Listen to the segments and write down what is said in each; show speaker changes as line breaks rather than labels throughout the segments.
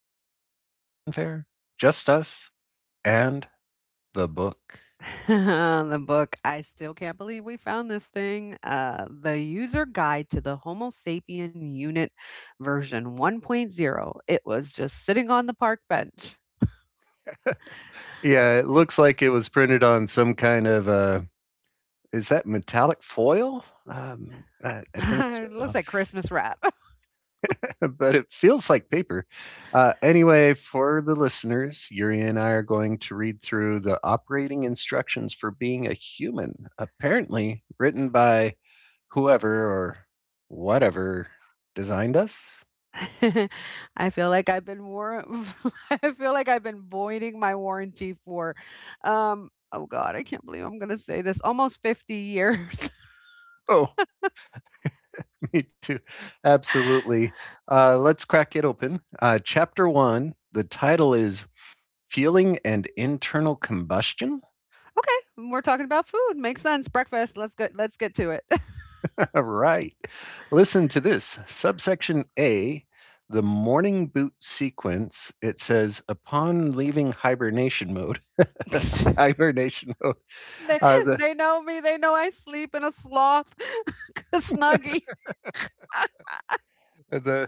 music, no fanfare, just us and the book.
the book, I still can't believe we found this thing. The user guide to the Homo sapien unit version 1.0. It was just sitting on the park bench.
Yeah, it looks like it was printed on some kind of is that metallic foil? Um, I, I think
it
so,
looks like Christmas wrap.
but it feels like paper. Anyway, for the listeners, Yuri and I are going to read through the operating instructions for being a human, apparently written by whoever or whatever designed us.
I feel like I've I feel like I've been voiding my warranty for oh god, I can't believe I'm gonna say this, almost 50 years.
Oh, me too. Absolutely. Let's crack it open. Chapter one, the title is Feeling and Internal Combustion?
we're talking about food, makes sense, breakfast. Let's get to it.
All right. Listen to this, subsection A, the morning boot sequence. It says, upon leaving hibernation mode, hibernation mode,
They
uh, the,
they know me. They know I sleep in a sloth, a snuggie.
the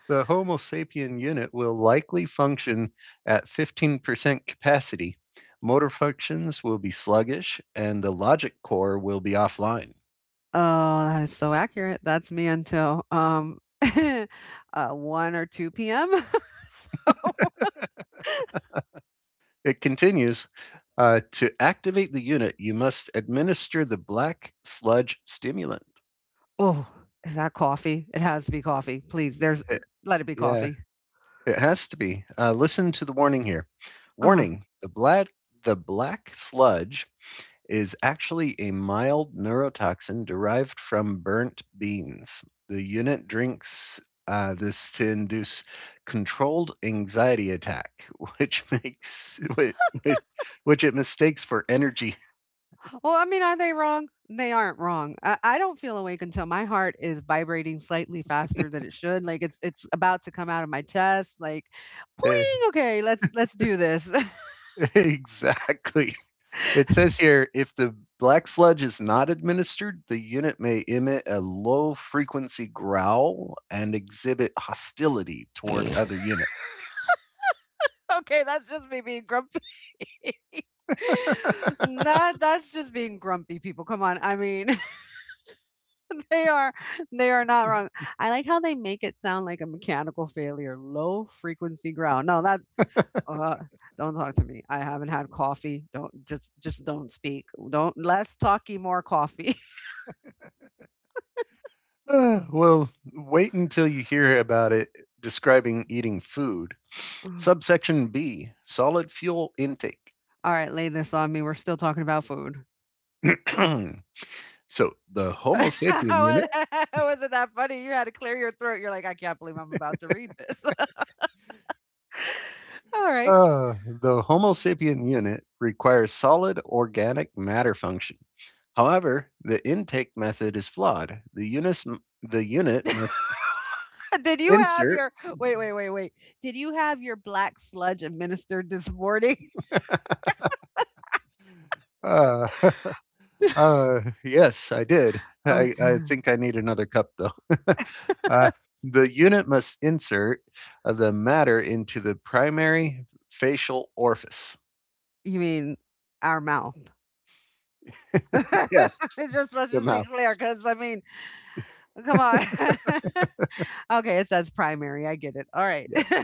The Homo sapien unit will likely function at 15% capacity. Motor functions will be sluggish, and the logic core will be offline.
Oh, that is so accurate. That's me until 1 or 2 p.m.
It continues, to activate the unit, you must administer the black sludge stimulant.
Oh, is that coffee? It has to be coffee. Please, there's
It-
let it be
yeah,
coffee.
it has to be. Listen to the warning here.
Uh-huh.
Warning, the black sludge is actually a mild neurotoxin derived from burnt beans. The unit drinks this to induce controlled anxiety attack, which makes which it mistakes for energy.
Well, I mean, are they wrong? They aren't wrong. I don't feel awake until my heart is vibrating slightly faster than it should. Like it's about to come out of my chest. Like, poing. Okay, let's do this.
Exactly. It says here, if the black sludge is not administered, the unit may emit a low frequency growl and exhibit hostility toward
okay,
other units.
that's just me being grumpy. That's just being grumpy, people. Come on. I mean, they are, they are not wrong. I like how they make it sound like a mechanical failure, low frequency ground. No, that's uh don't talk to me. I haven't had coffee. Don't just don't speak. Don't, less talky, more coffee.
Well, wait until you hear about it describing eating food.
All
Subsection B, solid fuel intake.
right, lay this on me. We're still talking about food.
So, the Homo sapien unit.
Was- Wasn't that funny? You had to clear your throat. You're like, I can't believe I'm about to read this. All right.
Uh, the Homo sapien unit requires solid organic matter function. However, the intake method is flawed. The unit must
Did you have
insert.
your wait, wait, wait, wait. Did you have your black sludge administered this morning?
Uh, yes, I did. I
Okay.
think I need another cup, though. Uh, the unit must insert the matter into the primary facial orifice.
You mean our mouth?
Yes,
It's just, let's
the
just be
mouth.
clear, because I mean, come on. Okay, it says primary. I get it. All right.
Yes.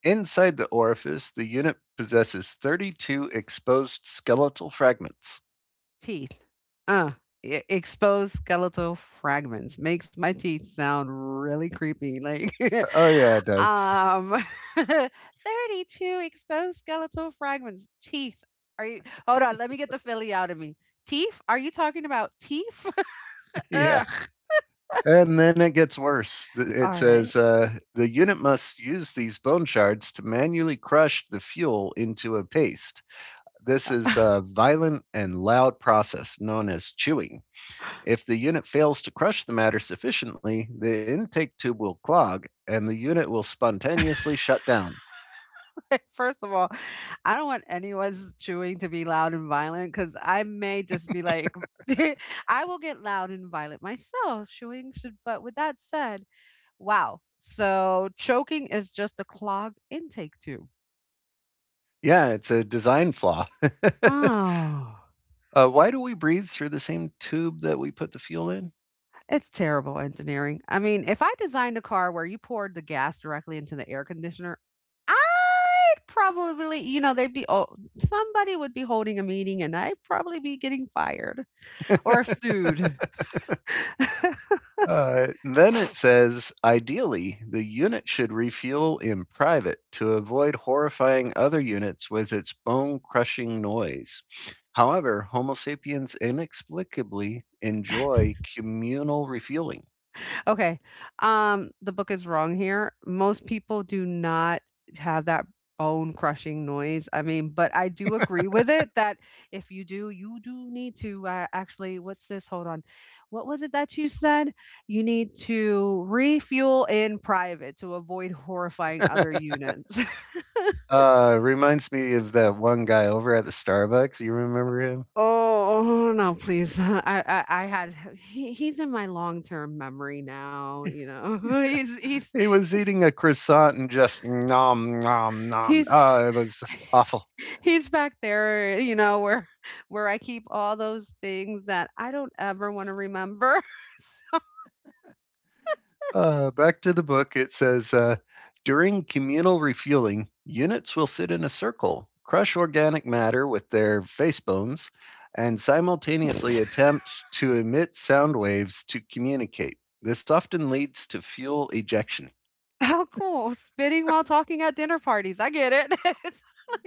Inside the orifice, the unit possesses 32 exposed skeletal fragments.
Teeth. Uh, Exposed skeletal fragments makes my teeth sound really creepy. Like,
Oh, yeah, it does.
um, 32 exposed skeletal fragments. Teeth. Are you, hold on, let me get the Philly out of me. Teeth? Are you talking about teeth?
Yeah.
Ugh.
And then it gets worse. It
All right.
says, the unit must use these bone shards to manually crush the fuel into a paste. This is a violent and loud process known as chewing. If the unit fails to crush the matter sufficiently, the intake tube will clog and the unit will spontaneously shut down.
First of all, I don't want anyone's chewing to be loud and violent, because I may just be like, I will get loud and violent myself. Chewing should, but with that said, wow. So choking is just a clogged intake tube.
Yeah, it's a design flaw.
Oh,
Why do we breathe through the same tube that we put the fuel in?
it's terrible engineering. I mean, if I designed a car where you poured the gas directly into the air conditioner, I'd probably, you know, they'd be, oh, somebody would be holding a meeting and I'd probably be getting fired or sued.
Then it says, ideally, the unit should refuel in private to avoid horrifying other units with its bone crushing noise. However, Homo sapiens inexplicably enjoy communal refueling.
Okay. The book is wrong here. Most people do not have that bone crushing noise. I mean, but I do agree with it that if you do, you do need to actually, what's this? Hold on. What was it that you said? You need to refuel in private to avoid horrifying other units.
Reminds me of that one guy over at the Starbucks. You remember him?
oh, no, please. I had, he's in my long term memory now, you know, he's,
He was eating a croissant and just nom nom nom.
he's,
It was awful.
he's back there, you know, where I keep all those things that I don't ever wanna remember.
Back to the book. It says, during communal refueling, units will sit in a circle, crush organic matter with their face bones, and simultaneously attempt to emit sound waves to communicate. This often leads to fuel ejection.
How cool, spitting while talking at dinner parties, I get it.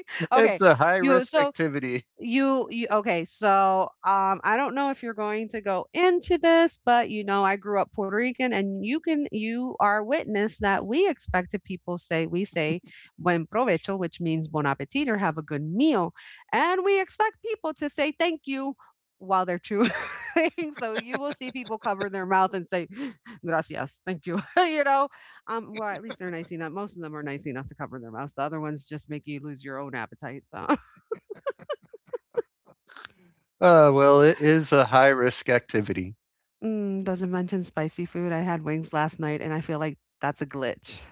Okay,
It's a high
you
risk
so
activity.
You Okay, so, I don't know if you're going to go into this, but, you know, I grew up Puerto Rican, and you can, you are witness that we expect to people say, we say "buen provecho," which means "bon appetit" or "have a good meal," and we expect people to say "thank you" while they're chewing. So you will see people cover their mouth and say, "Gracias, thank you," you know? Well, at least they're nice enough, most of them are nice enough to cover their mouths, the other ones just make you lose your own appetite, so.
Well, it is a high risk activity.
Mm, doesn't mention spicy food. I had wings last night, and I feel like that's a glitch.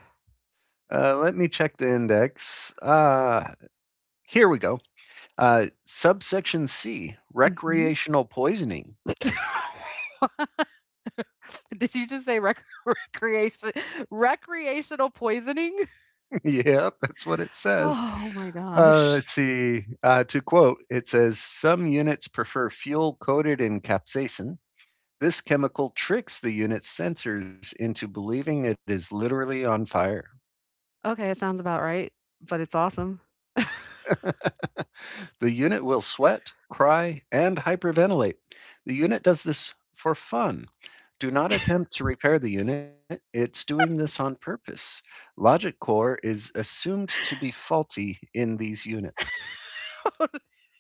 Let me check the index. Here we go. Subsection C,
Mhm.
recreational poisoning.
Did you just say rec recreational poisoning?
Yep, that's what it says.
Oh my
Let's
gosh.
see. To quote, it says some units prefer fuel coated in capsaicin. This chemical tricks the unit's sensors into believing it is literally on fire.
Okay, it sounds about right, but it's awesome.
The unit will sweat, cry, and hyperventilate. The unit does this for fun. Do not attempt to repair the unit, it's doing this on purpose. Logic core is assumed to be faulty in these units.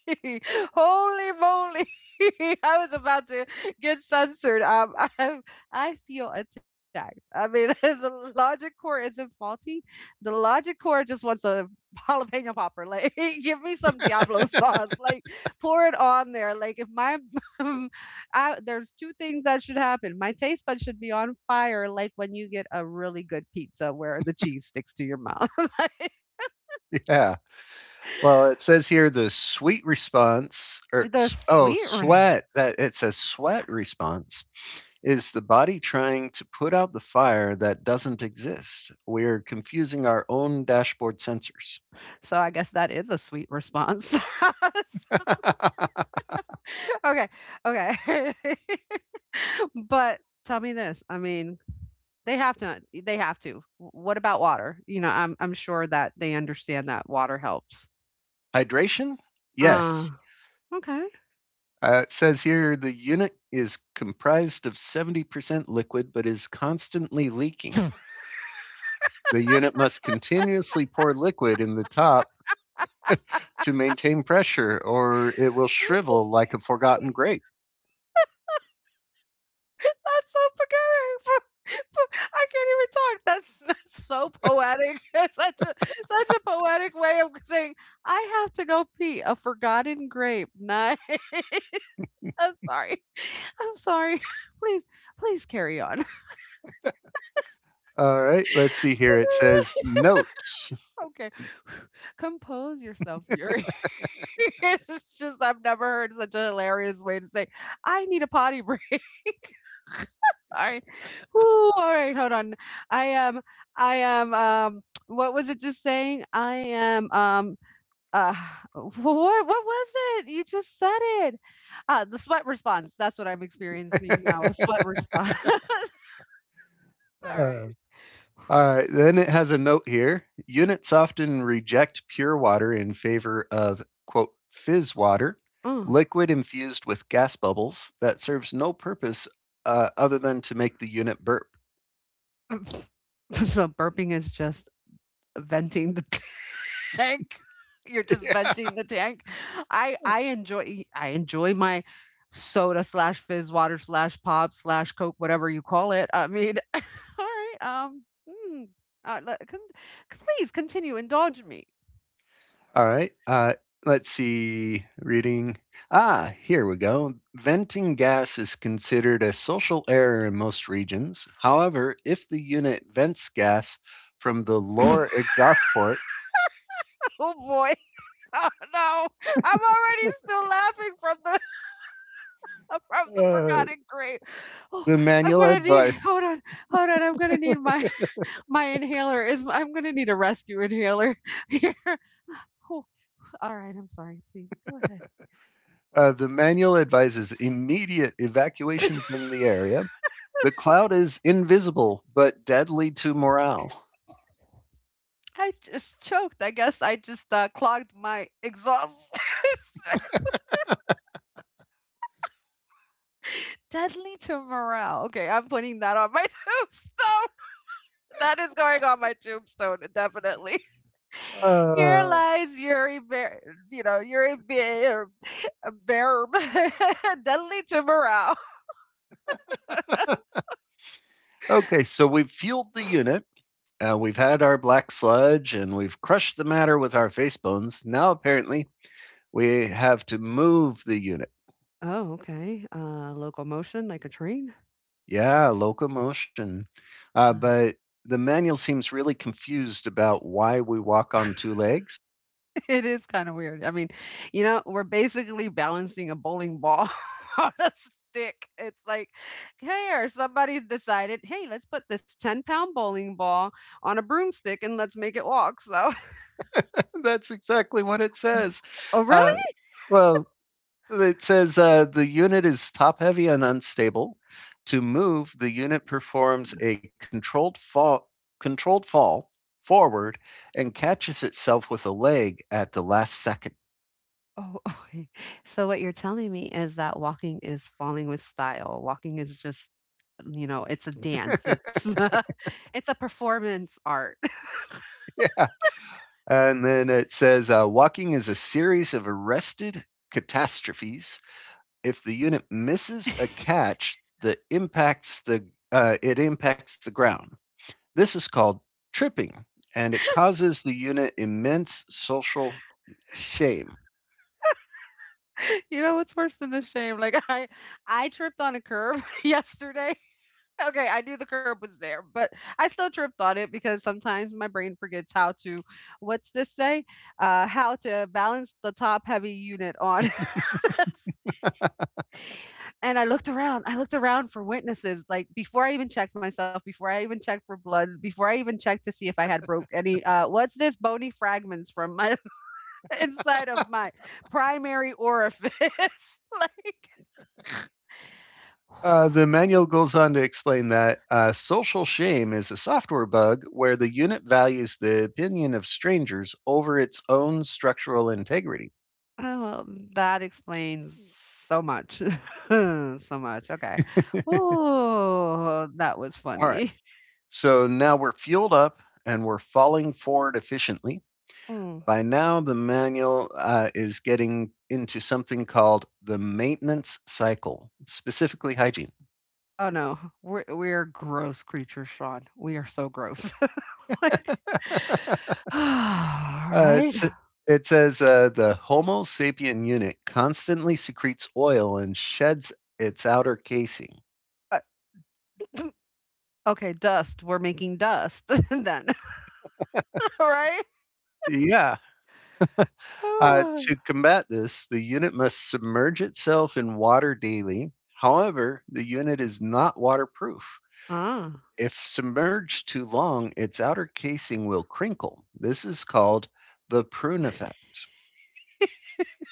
Holy moly! I was about to get censored. I feel attacked. I mean, the logic core isn't faulty. The logic core just wants a jalapeno popper. Like, give me some Diablo sauce. Like, pour it on there. Like, if my, I, there's two things that should happen. My taste bud should be on fire. Like when you get a really good pizza where the cheese sticks to your mouth.
Yeah. Well, it says here the sweet response,
Like,
or
the
oh,
sweet.
sweat, that it says sweat response is the body trying to put out the fire that doesn't exist. We're confusing our own dashboard sensors.
So I guess that is a sweet response. Okay, okay. But tell me this, I mean, they have to. W what about water? You know, I'm sure that they understand that water helps.
Hydration?
Uh,
Yes.
okay.
It says here the unit is comprised of 70% liquid but is constantly leaking. The unit must continuously pour liquid in the top to maintain pressure or it will shrivel like a forgotten grape.
That's so poetic. Po- I can't even talk. That's so poetic. It's such a, such a poetic way of saying, "I have to go pee a forgotten grape." Nice. I'm sorry. I'm sorry. Please, please carry on.
All right, let's see here. It says note.
Okay. Compose yourself, Yuri. It's just, I've never heard such a hilarious way to say, "I need a potty break." All right. Whoo, all right, hold on. I am I am, what was it just saying? I am, uh, what was it? You just said it. The sweat response. That's what I'm experiencing now, a sweat response. All
Uh,
right.
all right, then it has a note here. Units often reject pure water in favor of, quote, fizz water,
Oh,
liquid infused with gas bubbles that serves no purpose other than to make the unit burp.
so burping is just venting the tank. You're just
Yeah.
venting the tank. I enjoy my soda slash fizz water slash pop slash coke, whatever you call it. I mean, all right, mm, uh, le- con- please continue, indulge me.
All right, let's see. Reading. Ah, here we go. Venting gas is considered a social error in most regions. However, if the unit vents gas from the lower exhaust port,
Oh boy, oh no, I'm already still laughing from the, from the
uh,
forgotten grape. Oh,
the
I'm
manual
gonna need,
advice.
hold on. I'm gonna need my my inhaler. Is I'm gonna need a rescue inhaler here. All right, I'm sorry. Please go ahead.
The manual advises immediate evacuation from the area. The cloud is invisible but deadly to morale.
I just choked. I guess I just clogged my exhaust. Deadly to morale. Okay, I'm putting that on my tombstone. That is going on my tombstone, definitely. Here
Uh,
lies Yuri Bear, you know, Yuri Bear, Bear, deadly to morale.
okay, so we've fueled the unit. We've had our black sludge and we've crushed the matter with our face bones. Now, apparently, we have to move the unit.
Oh, okay. Locomotion like a train.
Yeah, locomotion. But the manual seems really confused about why we walk on two legs.
It is kinda weird. I mean, you know, we're basically balancing a bowling ball on a stick. It's like, "Here, somebody's decided. Hey, 'Hey, let's put this ten-pound bowling ball on a broomstick and let's make it walk,' so."
That's exactly what it says.
Oh,
Uh,
really?
well, It says, the unit is top heavy and unstable. To move, the unit performs a controlled fall forward and catches itself with a leg at the last second.
Oh, okay. So what you're telling me is that walking is falling with style. Walking is just, you know, it's a dance. It's, it's a performance art.
Yeah. And then it says, walking is a series of arrested catastrophes. If the unit misses a catch, the impacts the it impacts the ground. This is called tripping, and it causes the unit immense social shame.
You know what's worse than the shame? Like, I tripped on a curb yesterday. Okay, I knew the curb was there, but I still tripped on it because sometimes my brain forgets how to, what's this say? How to balance the top heavy unit on. and I looked around for witnesses, like before I even checked myself, before I even checked for blood, before I even checked to see if I had broke any, what's this, bony fragments from my inside of my primary orifice. like,
The manual goes on to explain that social shame is a software bug where the unit values the opinion of strangers over its own structural integrity.
oh, well, that explains so much. So much, okay. Oh, that was
All right,
funny.
so now we're fueled up and we're falling forward efficiently.
Mm.
By now, the manual is getting into something called the maintenance cycle, specifically hygiene.
Oh, no, we're gross creatures, Sean. We are so gross. Like, all
Uh,
right.
it's, it says, the Homo sapien unit constantly secretes oil and sheds its outer casing.
Uh, Okay, dust. We're making dust then, all right?
Yeah. To combat this, the unit must submerge itself in water daily. However, the unit is not waterproof.
Ah.
If submerged too long, its outer casing will crinkle. This is called the prune effect.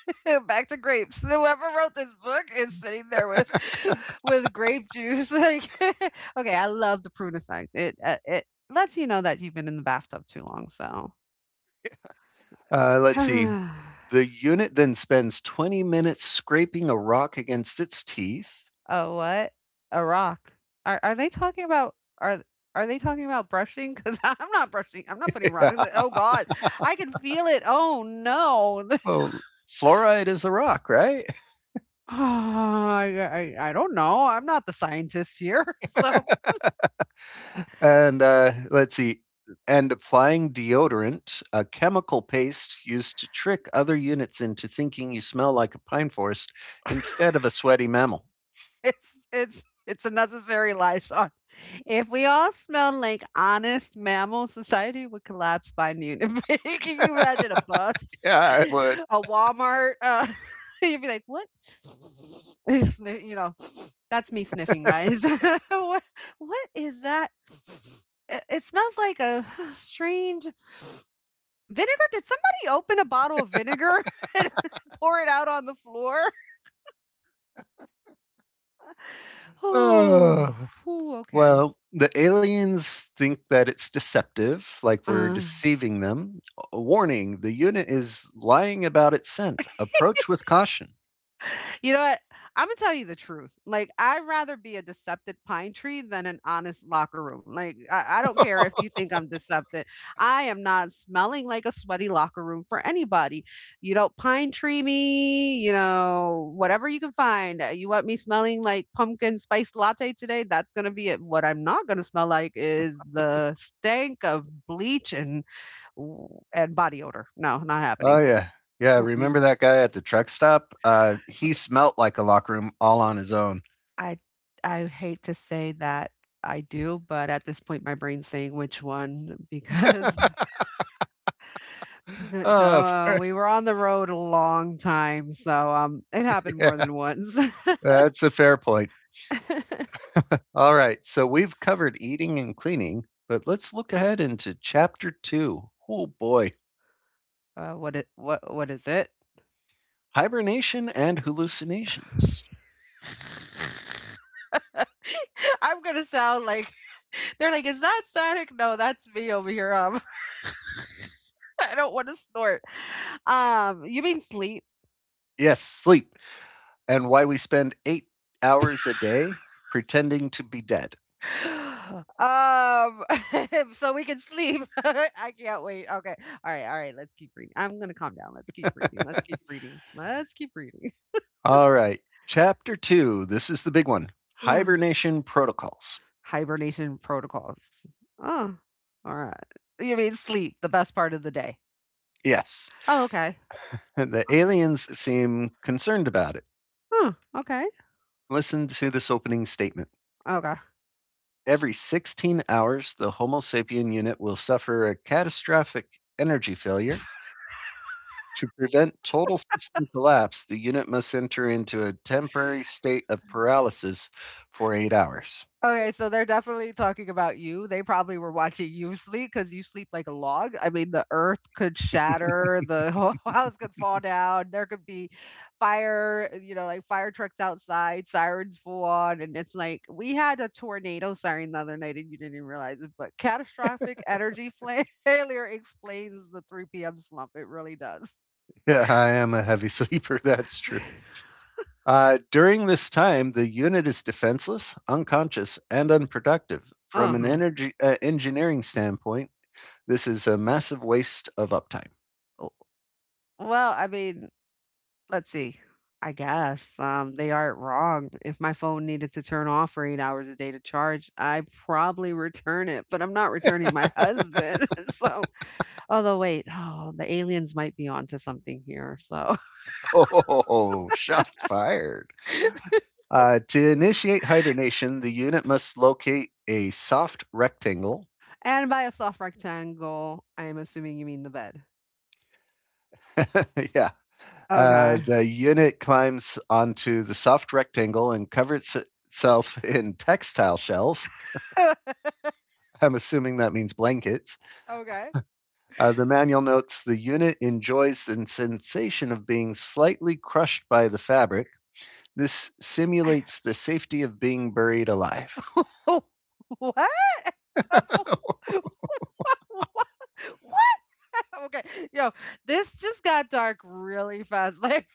Back to grapes. So whoever wrote this book is sitting there with, with grape juice. Like, okay, I love the prune effect. It it lets you know that you've been in the bathtub too long. So,
Let's see.
oh,
The unit then spends 20 minutes scraping a rock against its teeth.
what, a rock. Are they talking about? Are they talking about brushing? Because I'm not brushing. I'm not putting rocks.
Yeah.
Oh God, I can feel it. Oh no.
Well, fluoride is a rock, right?
Oh, I I don't know. I'm not the scientist here. So
And let's see. And applying deodorant, a chemical paste used to trick other units into thinking you smell like a pine forest instead of a sweaty mammal.
it's a necessary life. If we all smelled like honest mammals, society would collapse by noon. Can you imagine a bus,
Yeah, I would.
a Walmart? You'd be like, "What?" Sniff- You know, that's me sniffing, guys. What is that? It smells like a strange vinegar. Did somebody open a bottle of vinegar and pour it out on the floor? Oh,
Oh,
okay.
well, the aliens think that it's deceptive, like we're
Uh,
deceiving them. A warning, the unit is lying about its scent. Approach with caution.
You know what? Imma tell you the truth. Like, I'd rather be a deceptive pine tree than an honest locker room. Like, I don't care if you think I'm deceptive. I am not smelling like a sweaty locker room for anybody. You don't pine tree me, whatever you can find. You want me smelling like pumpkin spice latte today? That's gonna be it. What I'm not gonna smell like is the stank of bleach and body odor. No, not
Oh
happening.
yeah. Yeah, remember that guy at the truck stop? He smelt like a locker room all on his own.
I I hate to say that I do, but at this point, my brain's saying which one because
Oh,
we were on the road a long time, so it happened more
yeah,
than once. uh,
that's a fair point. All right, so we've covered eating and cleaning, but let's look ahead into chapter two. Oh boy,
what it what is it?
hibernation and hallucinations.
I'm gonna sound like they're like, is that static? No, that's me over here. I don't want to snort. You mean sleep?
Yes, sleep, and why we spend 8 hours a day pretending to be dead.
Um, so we can sleep. I can't wait. Okay. All right. All right. Let's keep reading. I'm going to calm down. Let's keep reading. Let's keep reading. Let's keep reading.
All right, chapter two. This is the big one,
Mm.
hibernation protocols.
Hibernation protocols. Oh, all right. You mean sleep, the best part of the day.
Yes,
Oh, okay.
the aliens seem concerned about it.
Huh, okay.
Listen to this opening statement.
Okay.
Every 16 hours, the Homo sapien unit will suffer a catastrophic energy failure. To prevent total system collapse, the unit must enter into a temporary state of paralysis for 8 hours.
Okay, so they're definitely talking about you. They probably were watching you sleep because you sleep like a log. I mean, the earth could shatter, the whole house could fall down, there could be fire, you know, like fire trucks outside, sirens full on, and it's like we had a tornado siren the other night and you didn't even realize it, but catastrophic energy fla failure explains the 3 p.m. slump, it really does.
Yeah, I am a heavy sleeper, that's true. During this time, the unit is defenseless, unconscious, and unproductive. From an
Uh-huh.
energy engineering standpoint, this is a massive waste of uptime.
well, I mean Let's see. I guess, they aren't wrong. If my phone needed to turn off for 8 hours a day to charge, I probably return it, but I'm not returning my husband, so although wait, oh, the aliens might be onto something here, so
Oh, shots fired. To initiate hibernation, the unit must locate a soft rectangle.
and by a soft rectangle, I am assuming you mean the bed.
Yeah.
Okay.
The unit climbs onto the soft rectangle and covers itself in textile shells. I'm assuming that means blankets.
Okay.
The manual notes the unit enjoys the sensation of being slightly crushed by the fabric. This simulates the safety of being buried alive.
What? What? What? okay, yo, this just got dark really fast like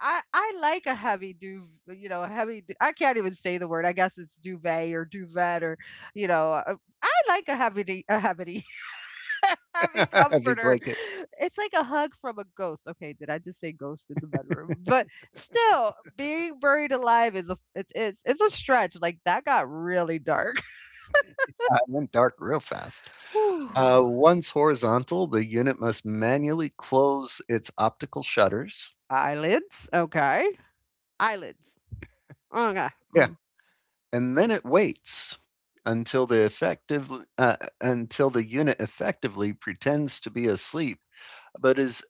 I like a heavy duv, you know, a heavy du- I can't even say the word, I guess it's duvet or duvet or you know. I like a heavy heavy
Heavy
comforter.
blanket.
It's like a hug from a ghost. Okay, did I just say ghost in the bedroom? But still being buried alive is a, it's a stretch, like that got really dark.
I went dark real fast.
Whew.
Once horizontal, the unit must manually close its optical shutters.
Eyelids, okay. Eyelids, okay.
Yeah,
Mm.
and then it waits until the effective until the unit effectively pretends to be asleep, but is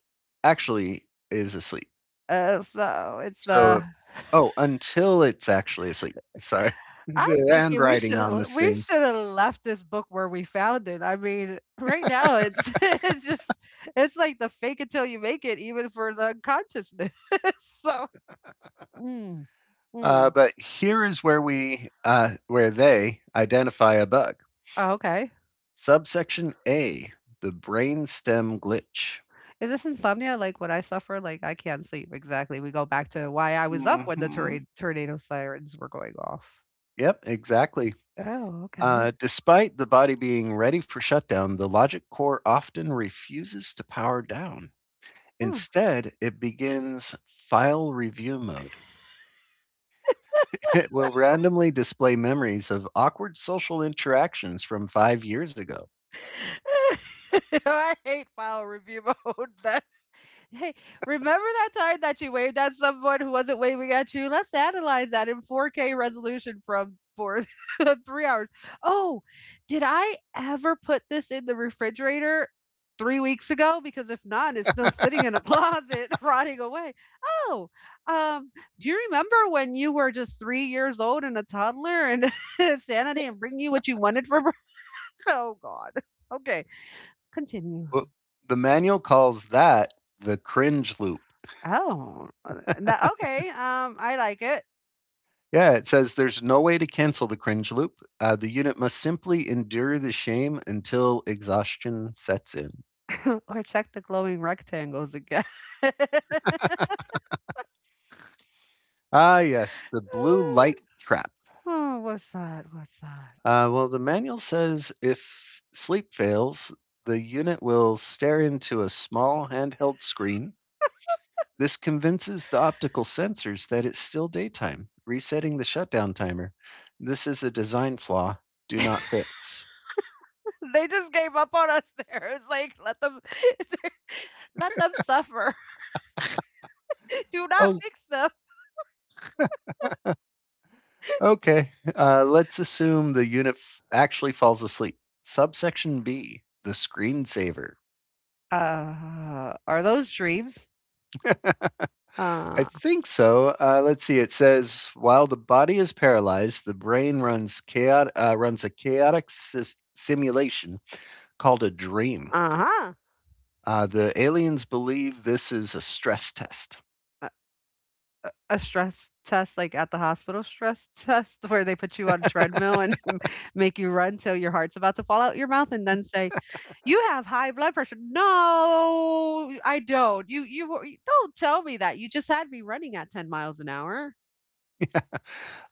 actually is asleep.
So it's
So, oh, until it's actually asleep. Sorry,
I'm
the
thinking we
handwriting
should
on
have
this
we
thing.
should have left this book where we found it. I mean, right now it's it's just it's like the fake until you make it, even for the unconsciousness. so mm,
Uh,
mm.
but here is where we where they identify a bug.
Oh, okay.
Subsection A, the brainstem glitch.
Is this insomnia like what I suffer? Like I can't sleep. Exactly. We go back to why I was up when the
Mhm.
tornado sirens were going off.
Yep, exactly.
Oh,
Uh,
okay.
despite the body being ready for shutdown, the logic core often refuses to power down.
Huh.
Instead, it begins file review mode. It will randomly display memories of awkward social interactions from 5 years ago.
I hate file review mode. Then. Hey, remember that time that you waved at someone who wasn't waving at you? Let's analyze that in 4K resolution from for 3 hours. Oh, did I ever put this in the refrigerator 3 weeks ago? Because if not, it's still sitting in a closet rotting away. Oh, um, do you remember when you were just 3 years old and a toddler and Santa didn't bring you what you wanted for? Br- Oh God. Okay, continue.
Well, the manual calls that the cringe loop.
Oh, that okay, I like it.
Yeah, it says there's no way to cancel the cringe loop. The unit must simply endure the shame until exhaustion sets in.
Or check the glowing rectangles again.
Ah, yes, the blue light trap.
Oh, what's that? What's that?
Well, the manual says, if sleep fails, the unit will stare into a small handheld screen. This convinces the optical sensors that it's still daytime, resetting the shutdown timer. This is a design flaw. Do not fix.
They just gave up on us there. It's like, let them let them suffer. Do not
Oh,
fix them.
okay, let's assume the unit actually falls asleep. Subsection B, the screensaver.
Are those dreams?
I
Uh,
think so. Let's see. It says while the body is paralyzed, the brain runs runs a chaotic simulation called a dream.
uh-huh.
The aliens believe this is a stress test.
A stress test, like, at the hospital stress test where they put you on a treadmill and make you run till your heart's about to fall out your mouth and then say, "You have high blood pressure." "No, I don't. Don't tell me that. You just had me running at 10 miles an hour."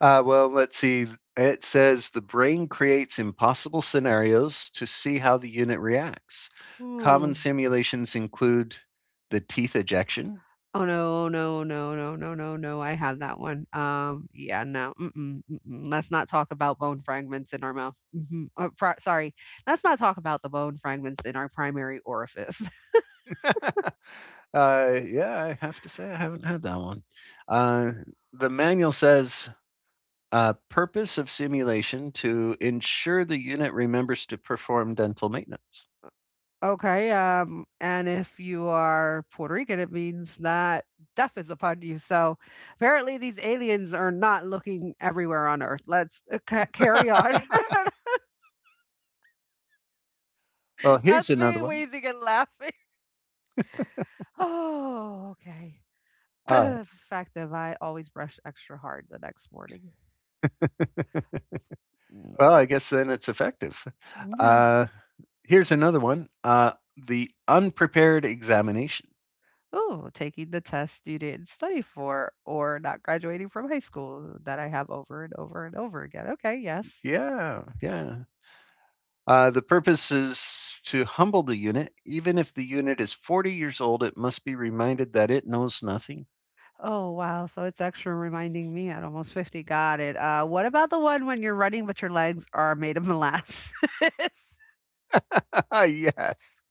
Well, let's see. It says the brain creates impossible scenarios to see how the unit reacts. Common
Hmm.
simulations include the teeth ejection.
Oh, no, no, no, no, no, no, no, I have that one. Yeah, no, mm-mm, mm-mm. Let's not talk about bone fragments in our mouth. Mhm. Fr sorry. Let's not talk about the bone fragments in our primary orifice.
Yeah, I have to say I haven't had that one. Uh, the manual says purpose of simulation to ensure the unit remembers to perform dental maintenance.
Okay, and if you are Puerto Rican, it means that death is upon you. So apparently, these aliens are not looking everywhere on Earth. Let's carry on.
Well, here's
That's
another
me
one.
wheezing and laughing. Oh, okay.
Uh,
Fact of I always brush extra hard the next morning.
well, I guess then it's effective. Uh, Here's another one. The unprepared examination.
Oh, taking the test you didn't study for, or not graduating from high school that I have over and over and over again. Okay, yes.
Yeah, yeah. The purpose is to humble the unit. Even if the unit is 40 years old, it must be reminded that it knows nothing.
Oh, wow. So it's extra reminding me at almost 50. Got it. What about the one when you're running, but your legs are made of molasses?
Yes.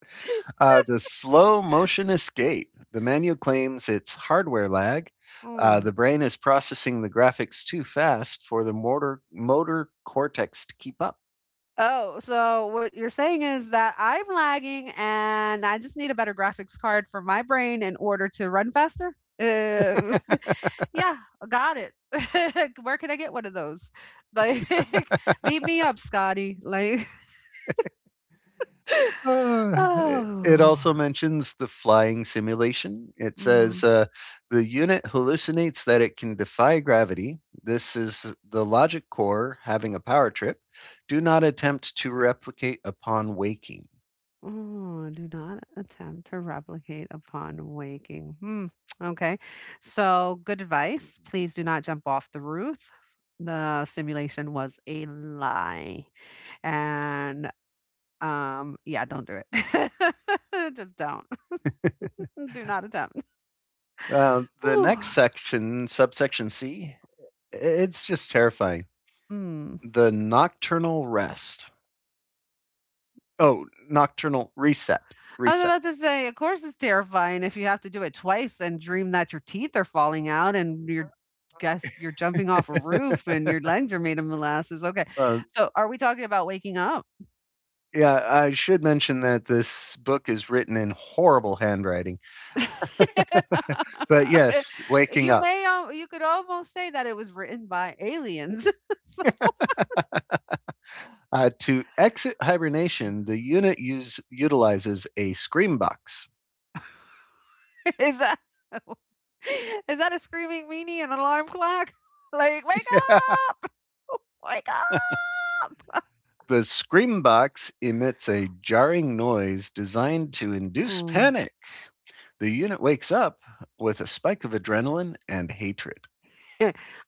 The slow motion escape. The manual claims it's hardware lag. The
Mm.
brain is processing the graphics too fast for the motor cortex to keep up.
Oh, so what you're saying is that I'm lagging and I just need a better graphics card for my brain in order to run faster? Yeah, got it. Where can I get one of those? Like, beat me up, Scotty. Like,
It
oh.
also mentions the flying simulation. It says
Mm.
the unit hallucinates that it can defy gravity. This is the logic core having a power trip. Do not attempt to replicate upon waking.
Oh, do not attempt to replicate upon waking. Hmm. Okay. So, good advice. Please do not jump off the roof. The simulation was a lie. And yeah, don't do it. Just don't. do not attempt.
The
Whew.
next section, subsection C, it's just terrifying.
Mm.
The nocturnal rest. Oh, nocturnal reset.
I was
Reset.
about to say, of course, it's terrifying if you have to do it twice and dream that your teeth are falling out and you're guess you're jumping off a roof and your legs are made of molasses. Okay,
Uh,
so are we talking about waking up?
Yeah, I should mention that this book is written in horrible handwriting. But yes, waking
You
up.
may, al- you could almost say that it was written by aliens. So
To exit hibernation, the utilizes a scream box.
is that is that a screaming meanie and alarm clock? Like, wake up, wake up.
The scream box emits a jarring noise designed to induce
Ooh.
panic. The unit wakes up with a spike of adrenaline and hatred.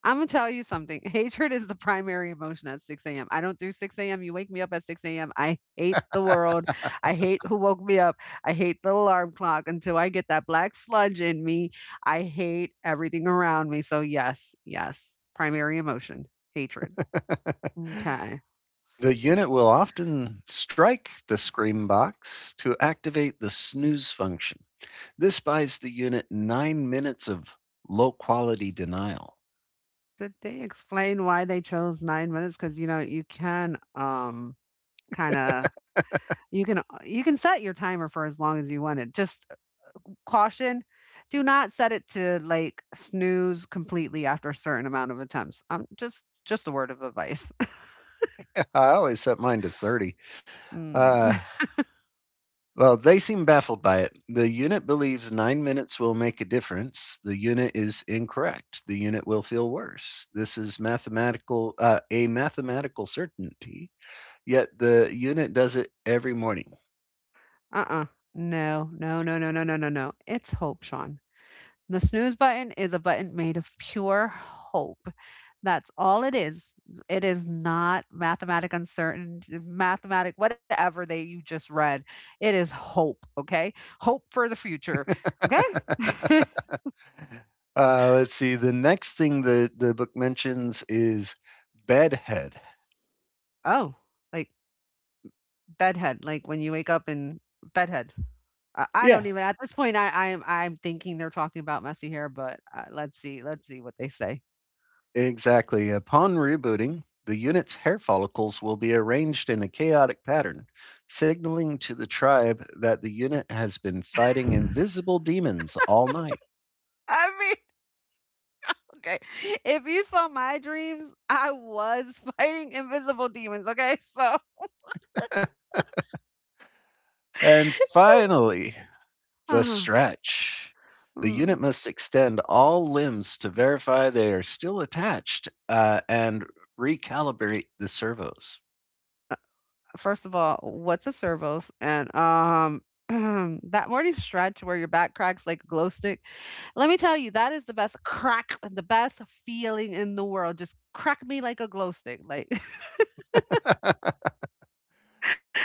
Imma tell you something. Hatred is the primary emotion at 6 AM. I don't do 6 AM. You wake me up at 6 AM. I hate the world. I hate who woke me up. I hate the alarm clock until I get that black sludge in me. I hate everything around me. So yes, yes, primary emotion, hatred. Okay.
The unit will often strike the scream box to activate the snooze function. This buys the unit nine minutes of low quality denial.
Did they explain why they chose 9 minutes? Because you know, you can, kinda you can set your timer for as long as you want it. Just caution, do not set it to, like, snooze completely after a certain amount of attempts. Just a word of advice.
I always set mine to 30.
Mm,
Uh, well, they seem baffled by it. The unit believes 9 minutes will make a difference. The unit is incorrect. The unit will feel worse. This is a mathematical certainty. Yet the unit does it every morning.
uh-uh. No, no, no, no, no, no, no, no. It's hope, Sean. The snooze button is a button made of pure hope. That's all it is. It is not mathematic uncertainty, mathematic whatever they you just read. It is hope, okay? Hope for the future, okay?
Let's see. The next thing the book mentions is bedhead.
Oh, like bedhead, like when you wake up in bedhead. I
Yeah,
don't even at this point. I'm thinking they're talking about messy hair, but let's see what they say.
exactly. Upon rebooting, the unit's hair follicles will be arranged in a chaotic pattern, signaling to the tribe that the unit has been fighting invisible demons all night.
I mean, okay, if you saw my dreams, I was fighting invisible demons. Okay, so.
And finally, the
Ah,
stretch. The
mm.
unit must extend all limbs to verify they are still attached and recalibrate the servos.
First of all, what's a servos? And that morning stretch where your back cracks like a glow stick. Let me tell you, that is the best crack, the best feeling in the world. Just crack me like a glow stick. Like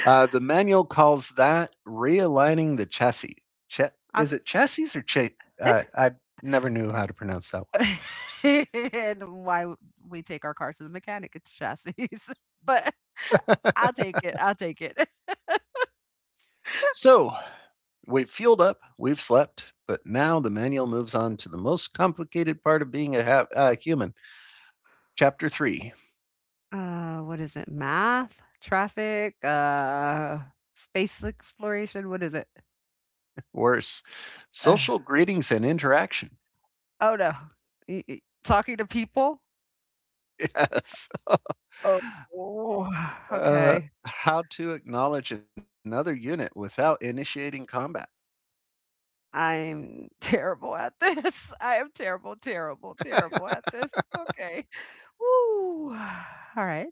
The manual calls that realigning the chassis. Ch-
I,
is it chassis or
it's
I never knew how to pronounce that one.
and why we take our cars to the mechanic. It's chassis. but I'll take it. I'll take it.
So we've fueled up, we've slept, but now the manual moves on to the most complicated part of being a human. Chapter three,
What is it? Math, traffic, space exploration, what is it?
worse,
Uh,
social greetings and interaction.
Oh, no. Y y talking to people?
Yes.
Oh,
Uh,
okay.
how to acknowledge another unit without initiating combat.
I'm terrible at this. I am terrible, terrible, terrible at this. Okay. Woo. Alright.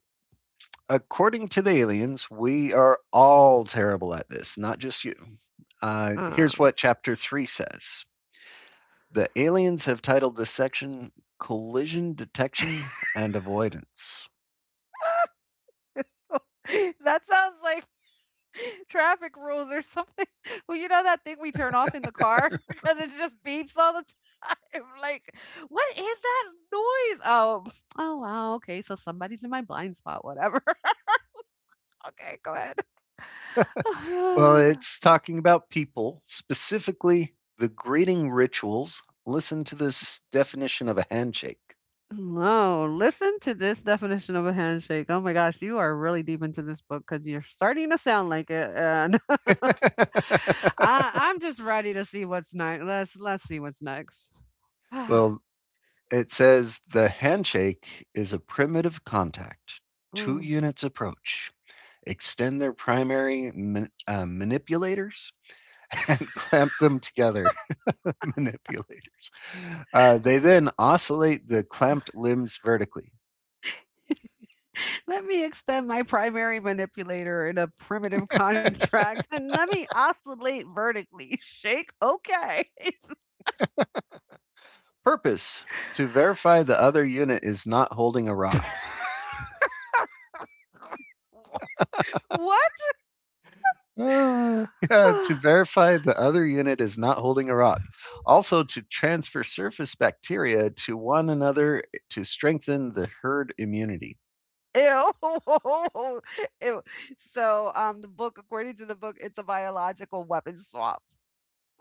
According to the aliens, we are all terrible at this, not just you. Here's
Um,
what chapter 3 says. The aliens have titled this section Collision Detection and Avoidance.
that sounds like traffic rules or something. Well, you know that thing we turn off in the car because it just beeps all the time? Like, what is that noise? Oh, oh, wow, okay, so somebody's in my blind spot, whatever. Okay, go ahead.
Well, it's talking about people, specifically the greeting rituals. Listen to this definition of a handshake.
No, listen to this definition of a handshake. Oh my gosh, you are really deep into this book because you're starting to sound like it, and I'm just ready to see what's next. Let's see what's next.
Well, it says the handshake is a primitive contact. Two
Mm.
units approach, extend their manipulators, and clamp them together. manipulators. They then oscillate the clamped limbs vertically.
Let me extend my primary manipulator in a primitive contract, and let me oscillate vertically. Shake, okay.
Purpose to verify the other unit is not holding a rod.
what?
Yeah, to verify the other unit is not holding a rock. Also, to transfer surface bacteria to one another to strengthen the herd immunity.
Ew. Ew. So, the book according to the book, it's a biological weapon swap.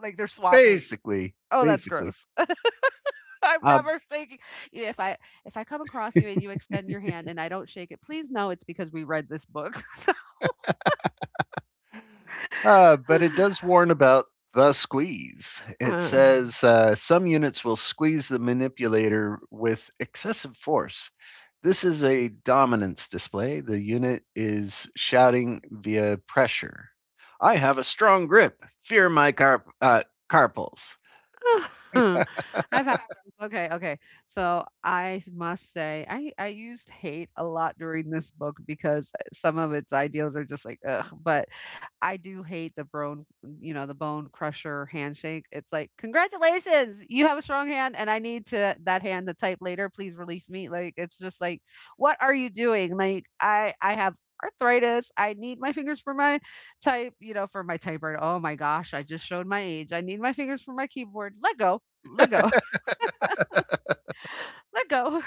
Like, they're swapping.
Basically,
Oh, that's
basically.
gross. I'm
Uh,
never shaking yeah, if I come across you and you extend your hand and I don't shake it, please know it's because we read this book.
but it does warn about the squeeze. It
Uh.
says some units will squeeze the manipulator with excessive force. This is a dominance display. The unit is shouting via pressure. I have a strong grip. Fear my carpals.
I've had okay, okay. So must say, I used hate a lot during this book because some of its ideals are just like ugh. But I do hate the bone, you know, the bone crusher handshake. It's like congratulations, you have a strong hand, and I need to that hand to type later. Please release me. Like it's just like, what are you doing? Like I have arthritis. I need my fingers for my type, you know, for my typewriter. Oh my gosh, I just showed my age. I need my fingers for my keyboard. Let go, let go,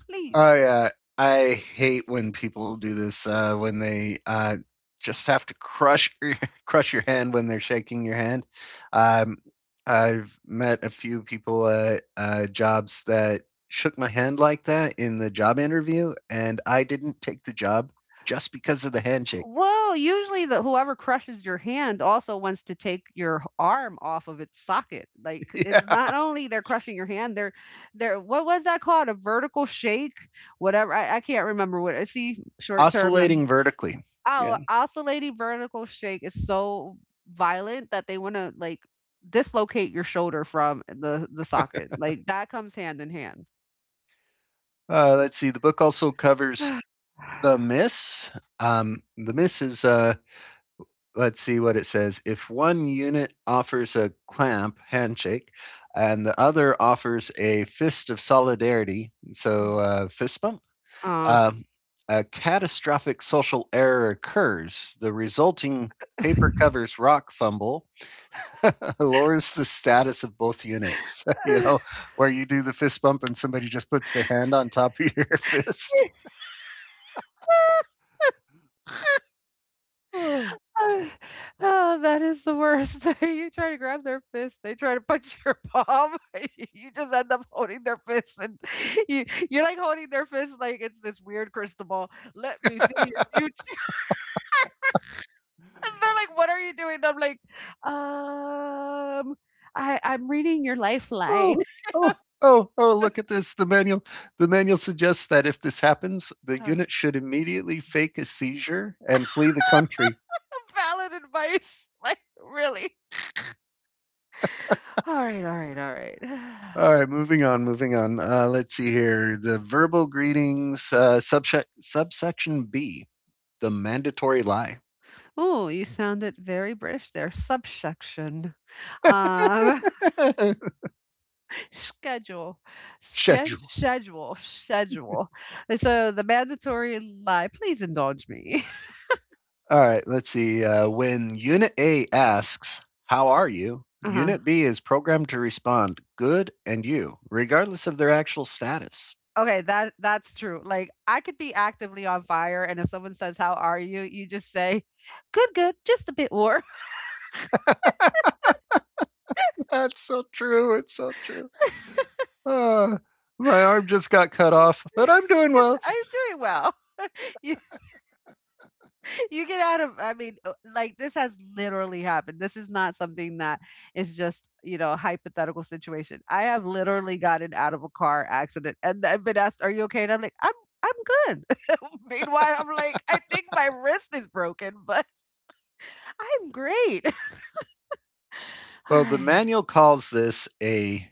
Oh
please.
yeah, I hate when people do this when they just have to crush your hand when they're shaking your hand. Um, I've met a few people at jobs that shook my hand like that in the job interview, and I didn't take the job just because of the handshake.
Whoa, usually the whoever crushes your hand also wants to take your arm off of its socket. Like it's
Yeah,
not only they're crushing your hand, they're what was that called? A vertical shake? Whatever. I can't remember what I see short term.
oscillating vertically. Yeah.
Oh, oscillating vertical shake is so violent that they wanna, like, dislocate your shoulder from the socket, like, that comes hand in hand.
Let's see. The book also covers the miss. The miss is let's see what it says. If one unit offers a clamp handshake and the other offers a fist of solidarity, so fist bump,
Uh.
um, a catastrophic social error occurs. The resulting paper covers rock fumble lowers the status of both units. You know, where you do the fist bump and somebody just puts their hand on top of your fist.
Oh, that is the worst. You try to grab their fist, they try to punch your palm, you just end up holding their fist, and you you're, like, holding their fist like it's this weird crystal ball. "Let me see your future." And they're like, "What are you doing?" And I'm like, "Um, I'm reading your
Oh,
lifeline."
oh, oh, oh, look at this. The manual suggests that if this happens, the
Uh,
unit should immediately fake a seizure and flee the country.
valid advice, like really. All right, all right, all right.
All right, moving on, moving on. Let's see here. The verbal greetings, subsection B, the mandatory lie
Oh, you sounded very British there. Subsection, um, schedule,
schedule.
schedule, schedule. And so the mandatory lie. Please indulge me.
All right, let's see. When Unit A asks, "How are you?"
Uh huh.
Unit B is programmed to respond, "Good and you," regardless of their actual status.
Okay, that's true. Like I could be actively on fire and if someone says, "How are you?" you just say, "Good, good, just a bit warm."
That's so true. It's so true. Uh, my arm just got cut off, but I'm doing well.
I'm doing well. You you get out of I mean, like this has literally happened. This is not something that is just, you know, a hypothetical situation. I have literally gotten out of a car accident and I've been asked, "Are you okay?" and I'm like, "I'm good." Meanwhile, I'm like, "I think my wrist is broken, but I'm great." All
Well, the
right.
manual calls this a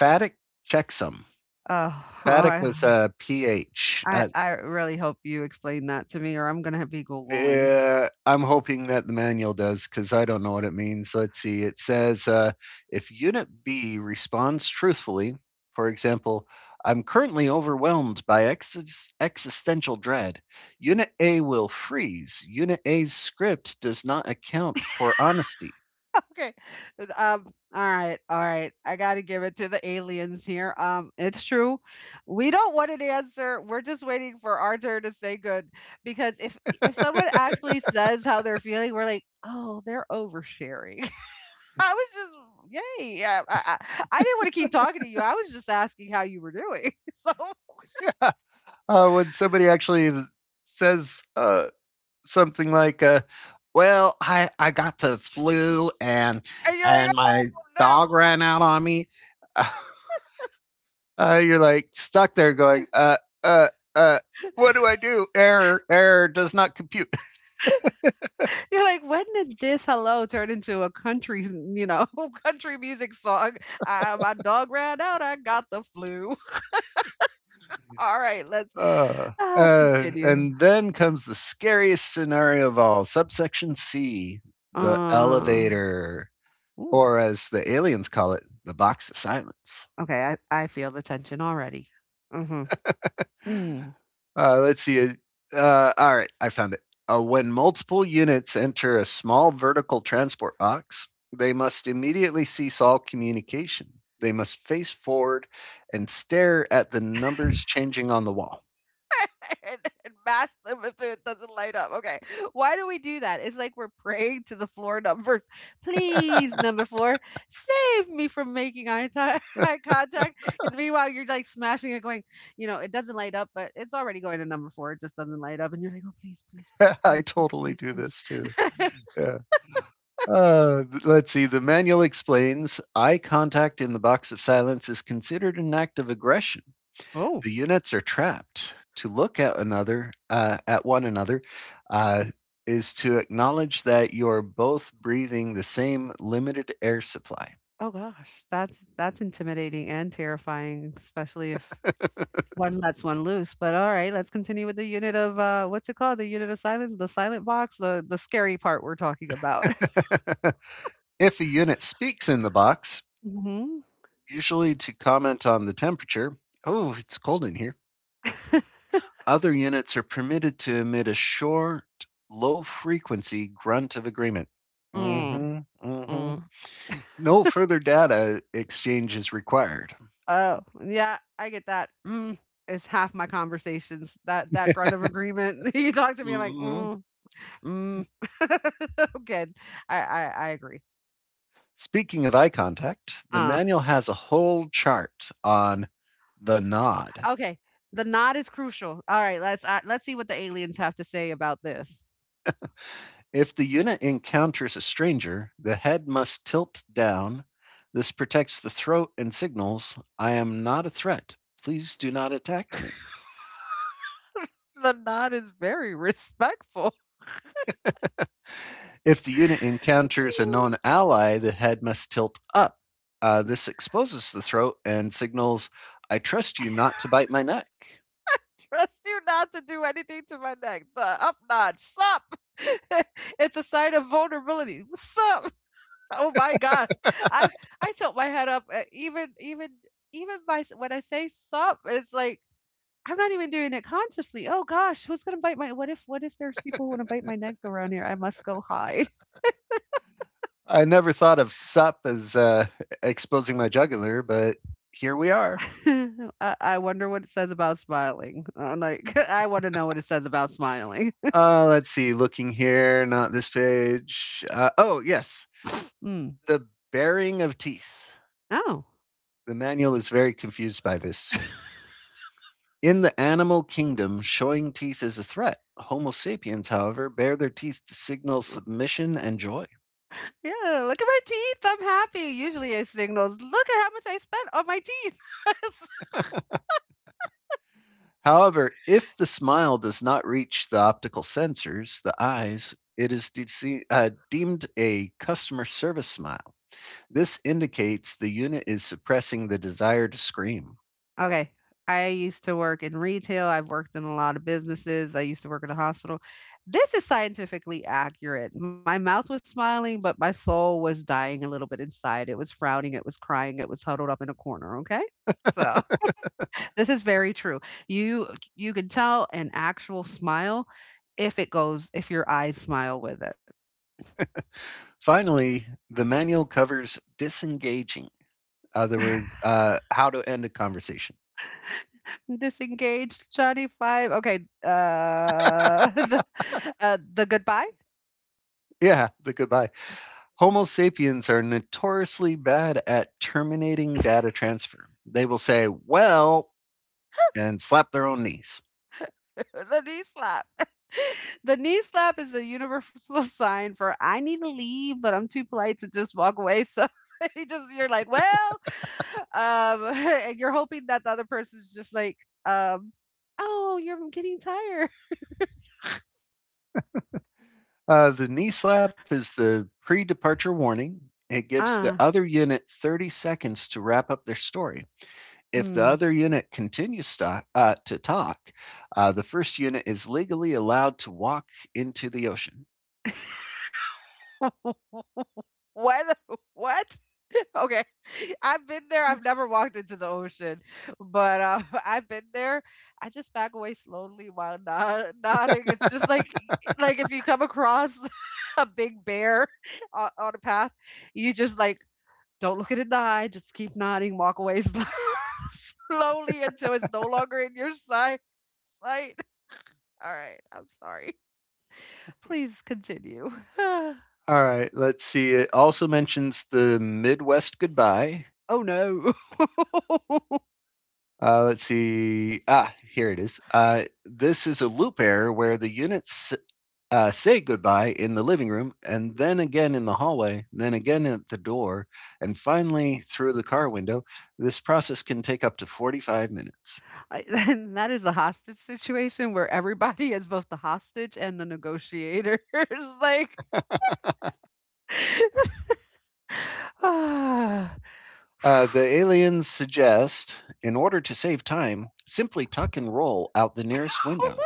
phatic checksum.
Oh, all
Phatic
right.
with a ph.
I I really hope you explain that to me or I'm gonna be Googling.
I'm hoping that the manual does because I don't know what it means. Let's see. It says if Unit B responds truthfully, for example, "I'm currently overwhelmed by existential dread." Unit A will freeze. Unit A's script does not account for honesty.
Okay. Um, all right, all right. I gotta give it to the aliens here. It's true. We don't want an answer. We're just waiting for our turn to say good. Because if someone actually says how they're feeling, we're like, oh, they're oversharing. I was just yay. Yeah, I didn't want to keep talking to you. I was just asking how you were doing. So
Yeah. When somebody actually says something like, "Well, I got the flu
and you're like,
and
oh
my
no.
dog ran out on me," uh, you're like stuck there going, uh, uh, what do I do? Error, error does not compute.
You're like, when did this hello turn into a country, you know, country music song? My dog ran out. I got the flu. All right, let's
Uh, uh,
continue.
and then comes the scariest scenario of all, subsection C, the
Uh,
elevator,
ooh,
or as the aliens call it, the box of silence.
okay, I feel the tension already. Mm-hmm. Mm.
Let's see. All right, I found it. When multiple units enter a small vertical transport box, they must immediately cease all communication. They must face forward and stare at the numbers changing on the wall.
and, and mash them if it doesn't light up. Okay. Why do we do that? It's like we're praying to the floor numbers. Please, number four, save me from making eye contact. And meanwhile, you're like smashing it, going, you know, it doesn't light up, but it's already going to number four. It just doesn't light up. And you're like, oh, please, please, please,
I
please, please,
totally
please,
do this too.
please.
Yeah. Let's see. The manual explains eye contact in the box of silence is considered an act of aggression.
Oh,
The units are trapped. To look at at one another, uh, is to acknowledge that you're both breathing the same limited air supply.
oh gosh, that's intimidating and terrifying, especially if one lets one loose, but alright, let's continue with the unit of, what's it called? The unit of silence, the silent box, the scary part we're talking about.
If a unit speaks in the box,
Mhm.
usually to comment on the temperature, "Oh, it's cold in here," other units are permitted to emit a short, low frequency grunt of agreement.
Mm,
Mm hmm, mm
mm.
hmm. No further data exchange is required.
Oh, yeah, I get that. Mm, it's half my conversations, that grunt of agreement. You talk to me
Mm
like,
hmm.
"Mm, mm." Good. I agree.
Speaking of eye contact, the
Uh,
manual has a whole chart on the nod.
okay, the nod is crucial. Alright, let's see what the aliens have to say about this.
If the unit encounters a stranger, the head must tilt down. This protects the throat and signals, "I am not a threat. Please do not attack me."
The nod is very respectful.
If the unit encounters a known ally, the head must tilt up. This exposes the throat and signals, "I trust you not to bite my neck."
Trust you not to do anything to my neck. The up nod. Sup? It's a sign of vulnerability. Sup? Oh my god. I I tilt my head up when I say sup, it's like I'm not even doing it consciously. Oh gosh, who's gonna bite my what if there's people who wanna bite my neck around here? I must go hide.
I never thought of sup as exposing my jugular, but here we are.
I wonder what it says about smiling. I'm like, I wanna know what it says about smiling.
Let's see, looking here, not this page. Oh, yes,
Mm.
the bearing of teeth.
Oh.
The manual is very confused by this. In the animal kingdom, showing teeth is a threat. Homo sapiens, however, bare their teeth to signal submission and joy.
Yeah, look at my teeth. I'm happy. Usually it signals, look at how much I spent on my teeth. It's
However, if the smile does not reach the optical sensors, the eyes, it is deemed a customer service smile. This indicates the unit is suppressing the desire to scream.
okay. I used to work in retail. I've worked in a lot of businesses. I used to work in a hospital. This is scientifically accurate. My mouth was smiling, but my soul was dying a little bit inside. It was frowning, it was crying, it was huddled up in a corner, okay? So, this is very true. You you can tell an actual smile if it goes if your eyes smile with it.
Finally, the manual covers disengaging. In other words, how to end a conversation.
Disengaged Johnny 5. Okay, uh the the goodbye.
Yeah, the goodbye. Homo sapiens are notoriously bad at terminating data transfer. They will say, "Well," and slap their own knees.
The knee slap. The knee slap is a universal sign for I need to leave, but I'm too polite to just walk away. So you're like, well, and you're hoping that the other person's just like, um, oh, you're getting tired.
The knee slap is the pre departure warning. It gives the
Ah,
other unit 30 seconds to wrap up their story. If the
mm.
other unit continues to talk, the first unit is legally allowed to walk into the ocean.
What? What? Okay. I've been there. I've never walked into the ocean, but I've been there. I just back away slowly while nodding. It's just like if you come across a big bear on a path, you just like don't look it in the eye. Just keep nodding. Walk away slowly until it's no longer in your sight. Sight. All right. I'm sorry. Please continue.
All right, let's see. It also mentions the Midwest goodbye.
Oh no.
Let's see. Ah, here it is. This is a loop error where the units say goodbye in the living room and then again in the hallway, then again at the door, and finally through the car window. This process can take up to 45 minutes.
I then that is a hostage situation where everybody is both the hostage and the negotiator. It's like ah,
The aliens suggest, in order to save time, simply tuck and roll out the nearest window.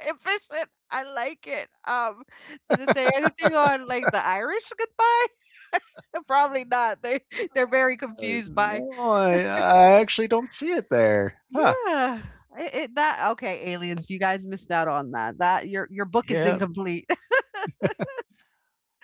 efficient. I like it. Did it say anything on like the Irish goodbye? Probably not. They they're very
Uh,
confused by
no, I, I actually don't see it there. Huh.
yeah. It, that okay, aliens. You guys missed out on that. That your book is
Yeah.
incomplete.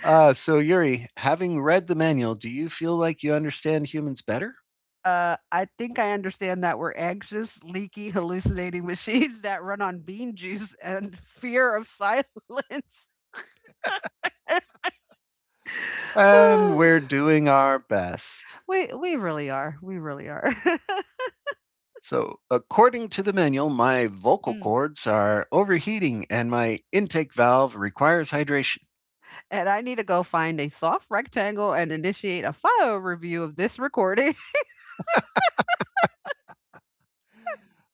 So, Yuri, having read the manual, do you feel like you understand humans better?
I think I understand that we're anxious, leaky, hallucinating machines that run on bean juice and fear of silence.
And we're doing our best.
We really are. We really are.
So, according to the manual, my vocal
Mm.
cords are overheating and my intake valve requires hydration.
And I need to go find a soft rectangle and initiate a file review of this recording.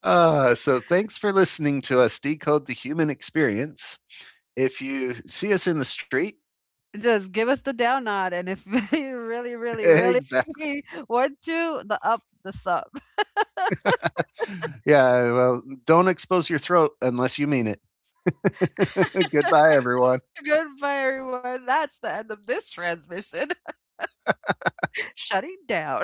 So thanks for listening to us decode the human experience. If you see us in the street,
Just give us the down nod, and if you really, really, really
exactly.
want to, the up, the sub.
Yeah, well, don't expose your throat unless you mean it. Goodbye, everyone.
Goodbye, everyone. That's the end of this transmission. Shutting down.